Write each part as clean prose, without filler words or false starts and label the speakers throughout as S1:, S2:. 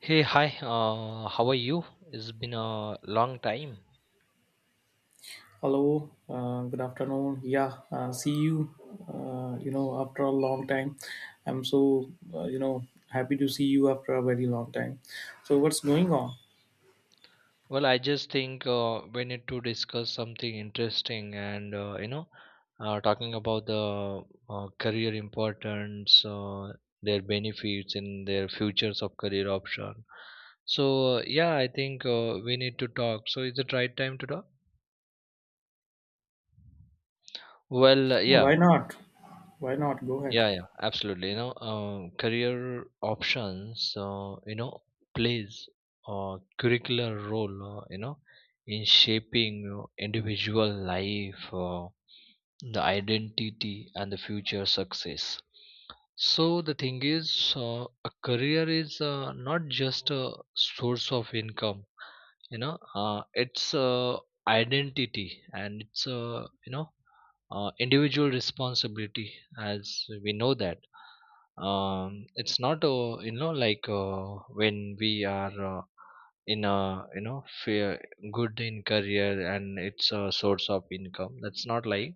S1: Hey, hi. How are you? It's been a long time.
S2: Hello, good afternoon. Yeah, see you. After a long time, I'm so happy to see you after a very long time. So, what's going on?
S1: Well, I just think we need to discuss something interesting, and talking about the career importance, their benefits, and their futures of career option. So yeah, I think we need to talk. So is it right time to talk? Well, yeah.
S2: Why not? Why not? Go ahead.
S1: Yeah, yeah, absolutely. Career options, plays a curricular role, in shaping individual life, the identity, and the future success. So the thing is, a career is not just a source of income. It's a identity, and it's a individual responsibility, as we know that it's not when we are in a fair, good in career and it's a source of income. That's not like,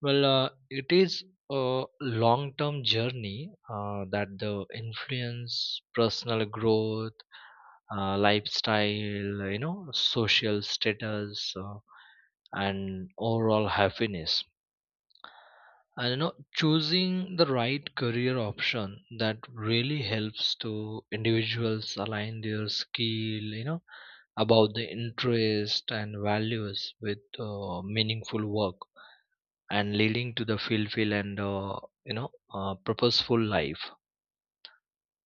S1: well, it is a long term journey that the influence personal growth, lifestyle, social status, and overall happiness. And choosing the right career option, that really helps to individuals align their skill, about the interest and values with meaningful work and leading to the fulfill and purposeful life.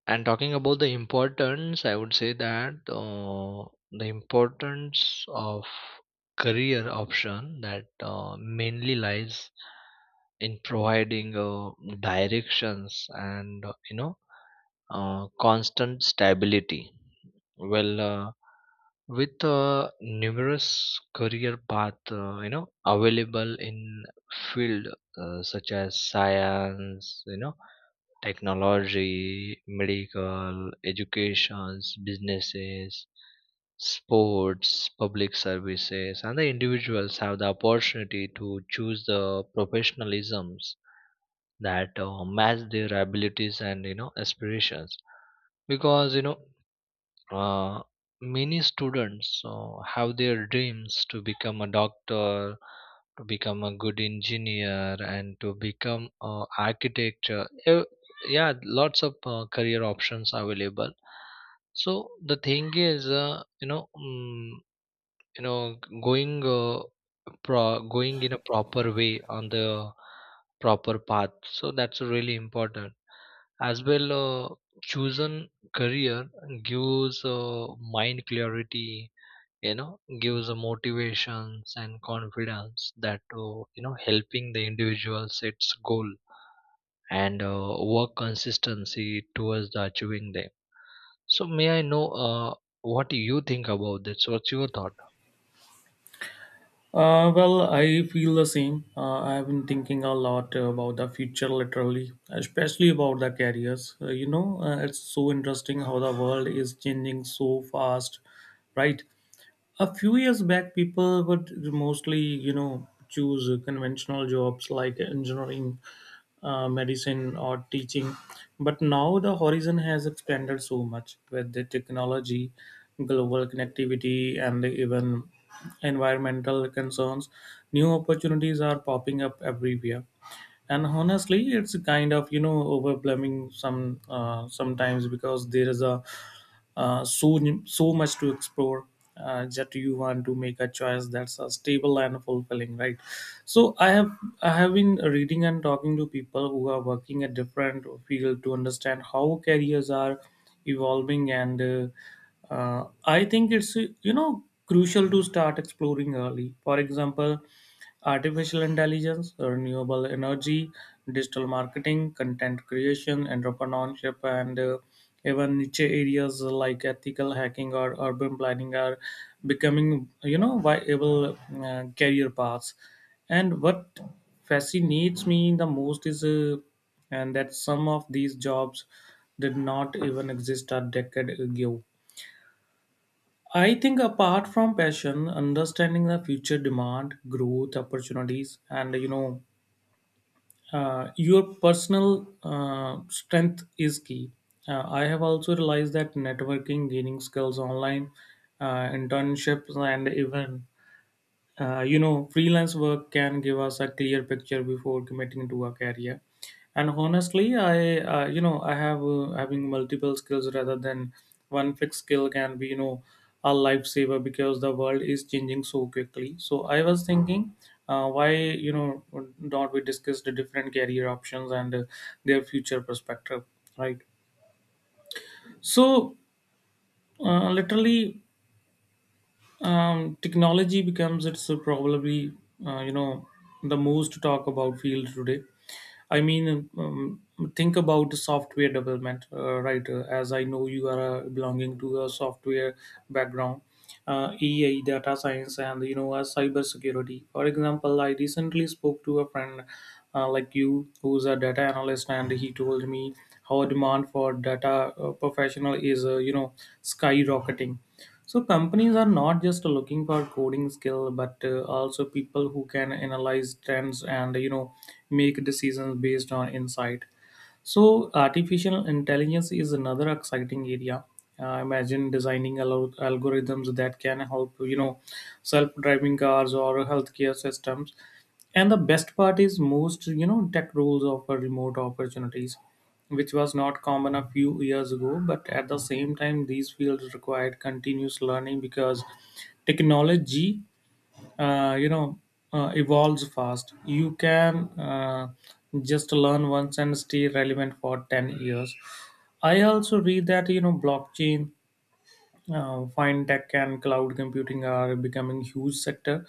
S1: And talking about the importance, I would say that the importance of career option that mainly lies in providing directions and constant stability. Well, with numerous career path, available in field, such as science, technology, medical, educations, businesses, sports, public services, and the individuals have the opportunity to choose the professionalisms that match their abilities and aspirations, because uh, many students have their dreams to become a doctor, to become a good engineer, and to become an architect. Yeah, lots of career options available. So the thing is, you know, mm, you know, g- going pro- going in a proper way on the proper path. So that's really important. As well, chosen career gives mind clarity, gives a motivations and confidence that helping the individual sets goal and work consistency towards the achieving them. So may I know, what you think about this? What's your thought?
S2: Well, I feel the same. I have been thinking a lot about the future, literally, especially about the careers. It's so interesting how the world is changing so fast, right? A few years back, people would mostly, you know, choose conventional jobs like engineering, medicine, or teaching, but now the horizon has expanded so much with the technology, global connectivity, and even environmental concerns. New opportunities are popping up everywhere, and honestly, it's kind of, you know, overwhelming sometimes, because there is a uh, so so much to explore that you want to make a choice that's stable and fulfilling, right? So I have been reading and talking to people who are working at different field to understand how careers are evolving, and I think it's you know, crucial to start exploring early. For example, artificial intelligence, renewable energy, digital marketing, content creation, entrepreneurship, and even niche areas like ethical hacking or urban planning are becoming, you know, viable career paths. And what fascinates me the most is, and that some of these jobs did not even exist a decade ago. I think apart from passion, understanding the future demand, growth, opportunities, and you know, your personal strength is key. I have also realized that networking, gaining skills online, internships, and even you know, freelance work can give us a clear picture before committing to a career. And honestly, I you know I have having multiple skills rather than one fixed skill can be, you know, a lifesaver, because the world is changing so quickly. So I was thinking, why, you know, don't we discuss the different career options and their future perspective, right? So literally, technology becomes, it's probably you know, the most to talk about field today. I mean, think about software development, right? As I know, you are belonging to a software background, AI, data science, and you know, cyber security. For example, I recently spoke to a friend, like you, who's a data analyst, and he told me how demand for data professional is you know, skyrocketing. So companies are not just looking for coding skill, but also people who can analyze trends and, you know, make decisions based on insight. So artificial intelligence is another exciting area. Imagine designing algorithms that can help, you know, self-driving cars or healthcare systems. And the best part is most, you know, tech rules offer remote opportunities, which was not common a few years ago. But at the same time, these fields required continuous learning because technology, uh, you know, evolves fast. You can just learn once and stay relevant for 10 years. I also read that, you know, blockchain, fintech, and cloud computing are becoming huge sector.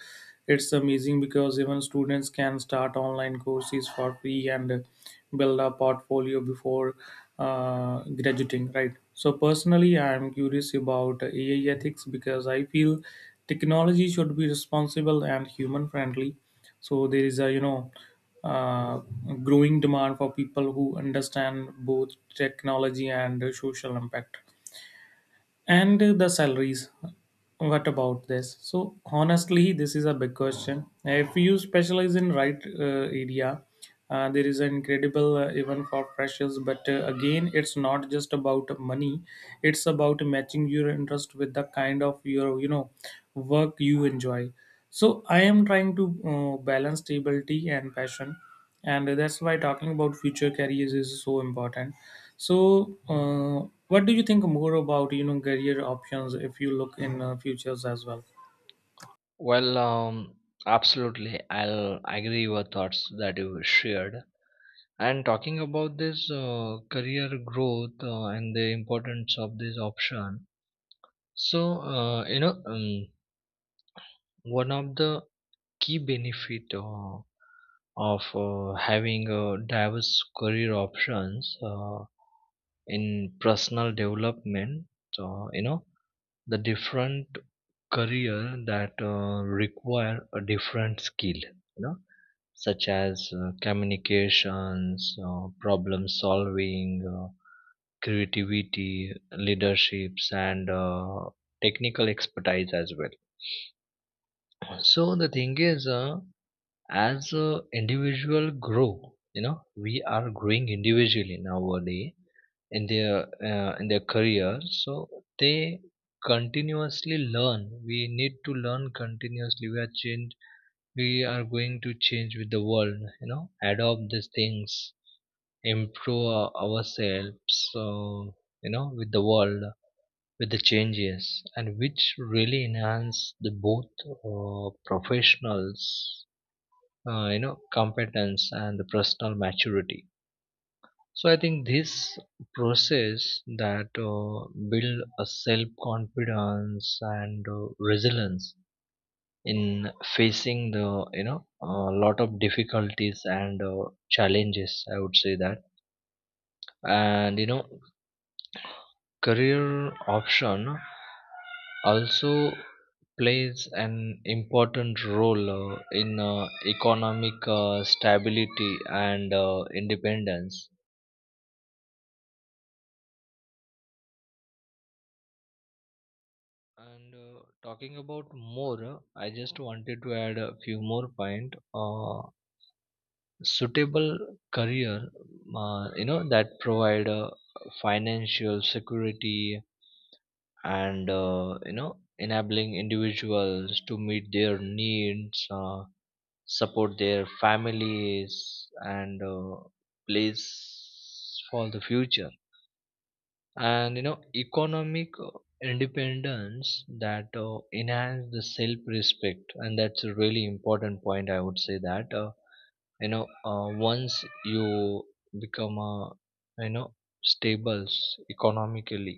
S2: It's amazing because even students can start online courses for free and build a portfolio before graduating, right? So personally, I am curious about AI ethics, because I feel technology should be responsible and human friendly. So there is a, you know, uh, growing demand for people who understand both technology and social impact. And the salaries, what about this? So honestly, this is a big question. If you specialize in right area, there is an incredible even for freshers. But again, it's not just about money. It's about matching your interest with the kind of your, you know, work you enjoy. So I am trying to balance stability and passion, and that's why talking about future careers is so important. So what do you think more about, you know, career options if you look in futures as well?
S1: Well, absolutely, I'll agree with thoughts that you shared. And talking about this career growth and the importance of this option. So one of the key benefit, of having diverse career options, in personal development, uh, you know the different career that require a different skill, you know, such as communications, problem solving, creativity, leaderships, and technical expertise as well. So the thing is, as individual grow, you know, we are growing individually nowadays in their career. So they continuously learn. We need to learn continuously. We are change. We are going to change with the world. You know, adopt these things, ourselves. So you know, with the world with the changes, and which really enhance the both professionals competence and the personal maturity. So I think this process that build a self confidence and resilience in facing the, you know, a lot of difficulties and challenges, I would say that. And you know, career option also plays an important role, in economic stability and independence. And talking about more, I just wanted to add a few more point. uh, Suitable career, that provide financial security and enabling individuals to meet their needs, support their families, and place for the future. And you know, economic independence that enhance the self respect, and that's a really important point, I would say that. Once you become a, you know, stable economically,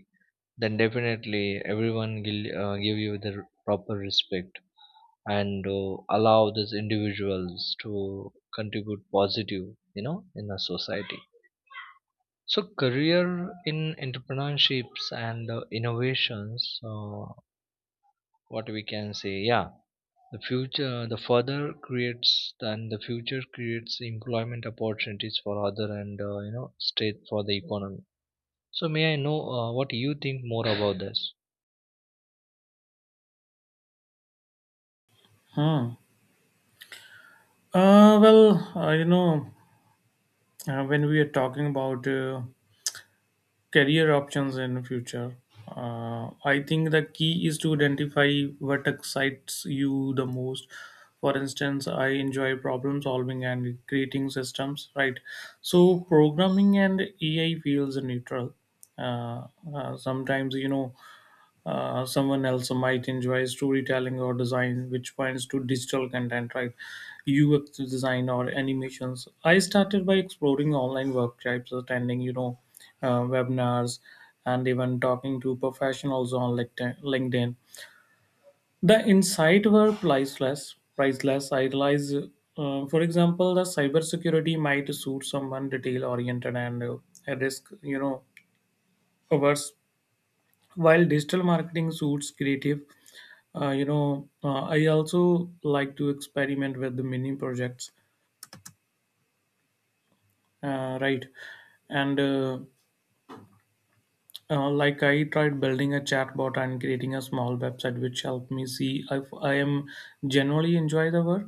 S1: then definitely everyone will give you the proper respect and allow these individuals to contribute positive, you know, in a society. So career in entrepreneurships and innovations, what we can say. Yeah, the further creates, and the future creates employment opportunities for other and state for the economy. So may I know, what you think more about this?
S2: Hmm. uh, well uh, you know when we are talking about career options in future, I think the key is to identify what excites you the most. For instance, I enjoy problem solving and creating systems, right? So programming and AI feels neutral. uh, Sometimes, you know, someone else might enjoy storytelling or design, which points to digital content, right? UX design or animations. I started by exploring online workshops, attending, you know, webinars, and even talking to professionals on LinkedIn. The insight were priceless, priceless. I realize, for example, the cybersecurity might suit someone detail oriented and risk, you know, averse, while digital marketing suits creative. I also like to experiment with the mini projects, right? And like I tried building a chatbot and creating a small website, which helped me see if I am generally enjoy the work.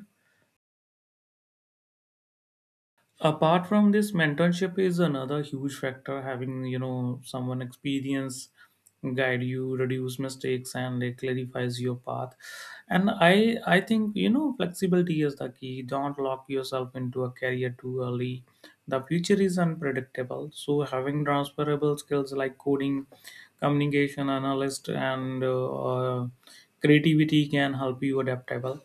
S2: Apart from this, mentorship is another huge factor. Having, you know, someone experience guide you reduce mistakes and like clarifies your path. And I think, you know, flexibility is the key. Don't lock yourself into a career too early. The future is unpredictable, so having transferable skills like coding, communication, analyst, and creativity can help you adaptable.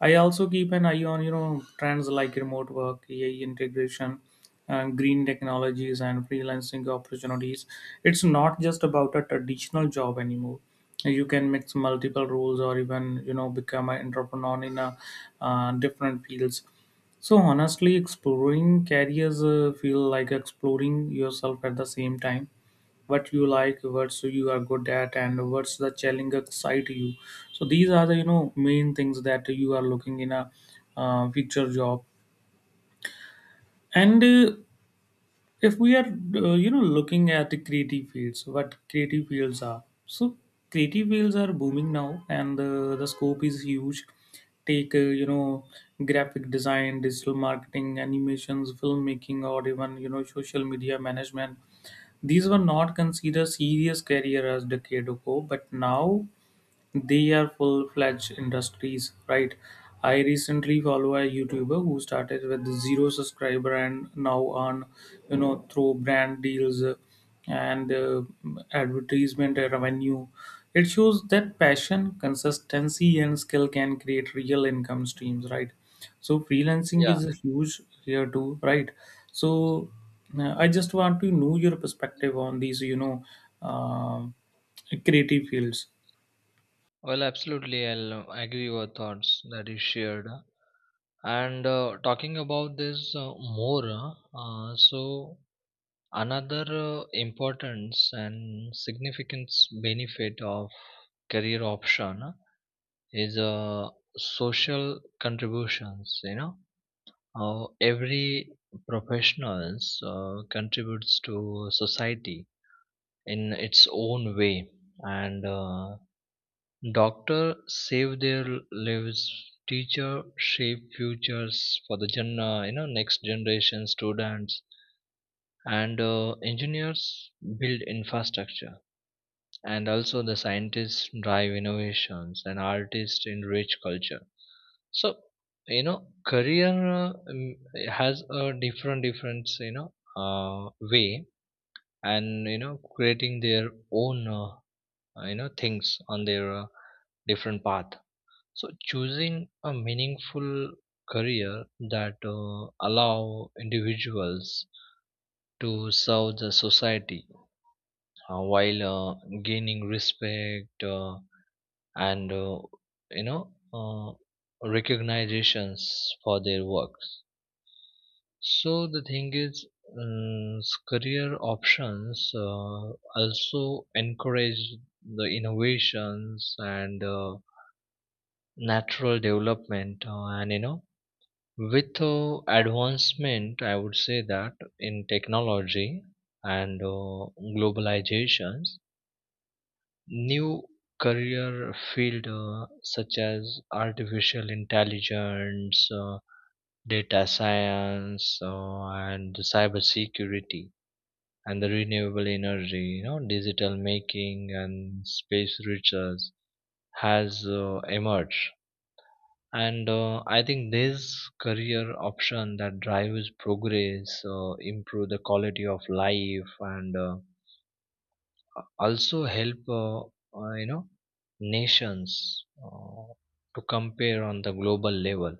S2: I also keep an eye on, you know, trends like remote work, AI integration, green technologies, and freelancing opportunities. It's not just about a traditional job anymore. You can mix multiple roles or even, you know, become an entrepreneur in a different fields. So honestly, exploring careers feel like exploring yourself at the same time. What you like, what's you are good at, and what's the challenge excite you. So these are the, you know, main things that you are looking in a future job. And if we are you know, looking at the creative fields what creative fields are, so creative fields are booming now, and the scope is huge. Take, you know, graphic design, digital marketing, animations, filmmaking, or even, you know, social media management. These were not considered serious career as decade ago, but now they are full fledged industries, right? I recently follow a YouTuber who started with zero subscriber and now on, you know, through brand deals, and advertisement revenue. It shows that passion, consistency, and skill can create real income streams, right? So freelancing
S1: Yeah.
S2: is huge here too, right? So I just want to know your perspective on these, you know, um creative fields.
S1: Well, absolutely, I'll agree with your thoughts that you shared. And talking about this more, so another importance and significance benefit of career option is social contributions. You know, every professionals contributes to society in its own way, and doctors save their lives. Teachers shape futures for the next generation students, and engineers build infrastructure, and also the scientists drive innovations, and artists enrich culture. So you know, career has a different different, you know, way, and you know, creating their own things on their different path. So choosing a meaningful career that allow individuals to serve the society, while gaining respect, and you know uh, recognitions for their works. So the thing is, career options also encourage the innovations and natural development, and you know with advancement, I would say that in technology and globalizations, new career field, such as artificial intelligence, data science, and cyber security, and the renewable energy, you know, digital making and space research, has emerged. And I think this career option that drives progress, improve the quality of life, and also help uh, you know nations to compare on the global level.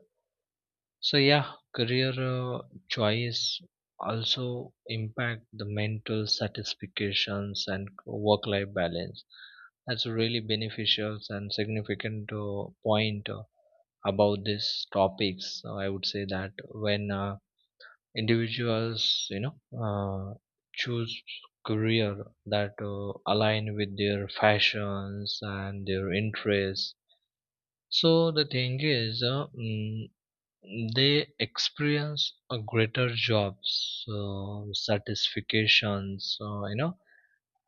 S1: So yeah, career choice also impact the mental satisfactions and work-life balance. That's a really beneficial and significant point about these topics. So I would say that when individuals, you know, choose career that align with their fashions and their interests. So the thing is, they experience a greater job so satisfactions. Uh, you know,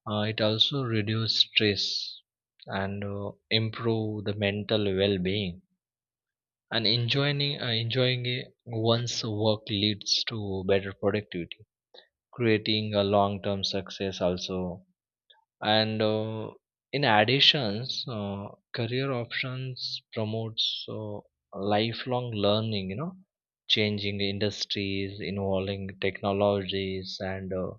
S1: uh, It also reduce stress and improve the mental well-being. And enjoying it one's work leads to better productivity, creating a long-term success also. And in additions, career options promotes lifelong learning, you know, changing industries involving technologies and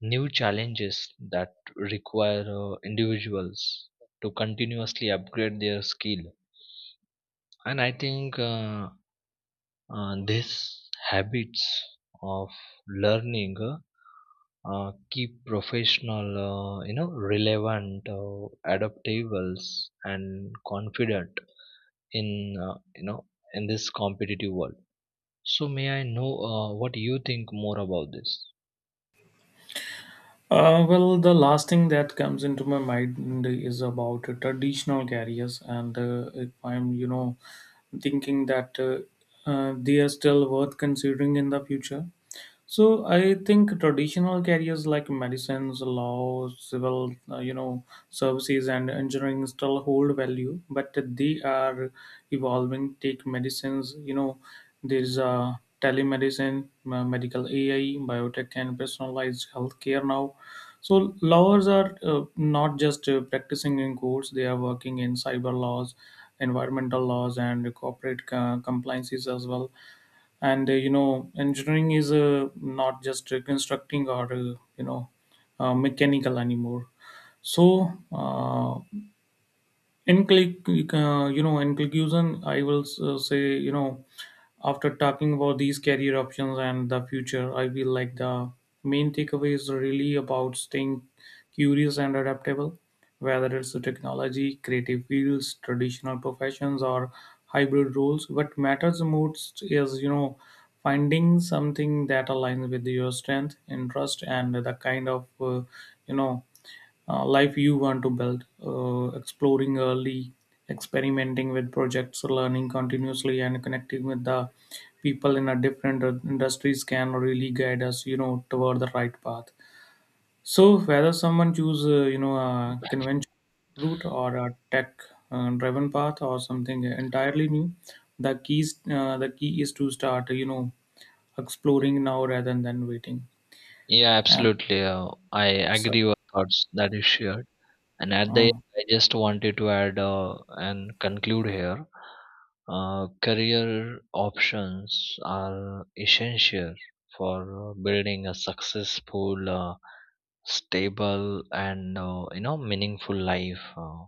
S1: new challenges that require individuals to continuously upgrade their skill. And I think these habits of learning, keep professional relevant, adaptable, and confident in, uh, you know in this competitive world. So may I know, what you think more about this?
S2: Well, the last thing that comes into my mind is about traditional carriers, and if I'm, you know, thinking that they are still worth considering in the future. So I think traditional carriers like medicines, law, civil, you know, services, and engineering still hold value, but they are evolving. Take medicines, you know, there's a telemedicine, medical AI, biotech, and personalized healthcare now. So lawyers are not just practicing in courts; they are working in cyber laws, environmental laws, and corporate compliances as well. And you know, engineering is not just constructing or you know mechanical anymore. So in click, you know, in conclusion, I will say, you know, after talking about these career options and the future, I feel like the main takeaway is really about staying curious and adaptable, whether it's the technology, creative fields, traditional professions, or hybrid roles. What matters most is, you know, finding something that aligns with your strength, interest, and the kind of, you know, life you want to build, exploring early, experimenting with projects, learning continuously, and connecting with the people in a different industries can really guide us, you know, toward the right path. So whether someone choose, you know, a conventional route or a tech-driven path or something entirely new, the key is to start, you know, exploring now rather than waiting.
S1: Yeah,
S2: And
S1: absolutely. I
S2: so,
S1: agree with thoughts that you shared, and at the
S2: uh,
S1: end I just wanted to add and conclude here. Career options are essential for building a successful, stable, and meaningful life.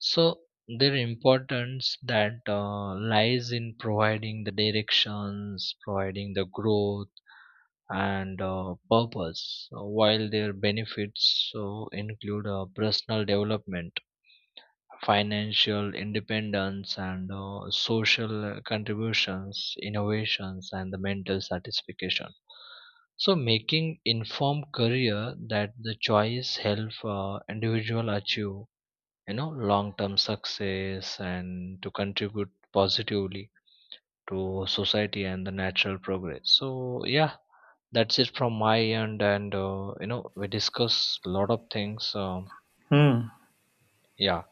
S1: So their importance that lies in providing the directions, providing the growth and purpose, while their benefits so include personal development, financial independence, and social contributions, innovations, and the mental satisfaction. So, making informed career that the choice help individual achieve, you know, long term success and to contribute positively to society and the natural progress. So, yeah, that's it from my end, and we discuss a lot of things. Yeah,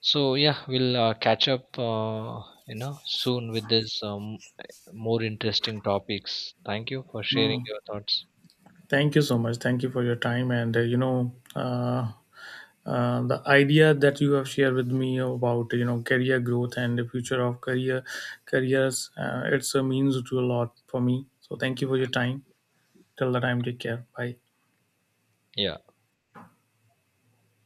S1: so yeah, we'll catch up, soon with this more interesting topics. Thank you for sharing
S2: uh,
S1: your thoughts.
S2: thank you so much. Thank you for your time. And the idea that you have shared with me about, you know, career growth and the future of career careers, it's a means to a lot for me. So thank you for your time. Till the time, take care. Bye.
S1: Yeah.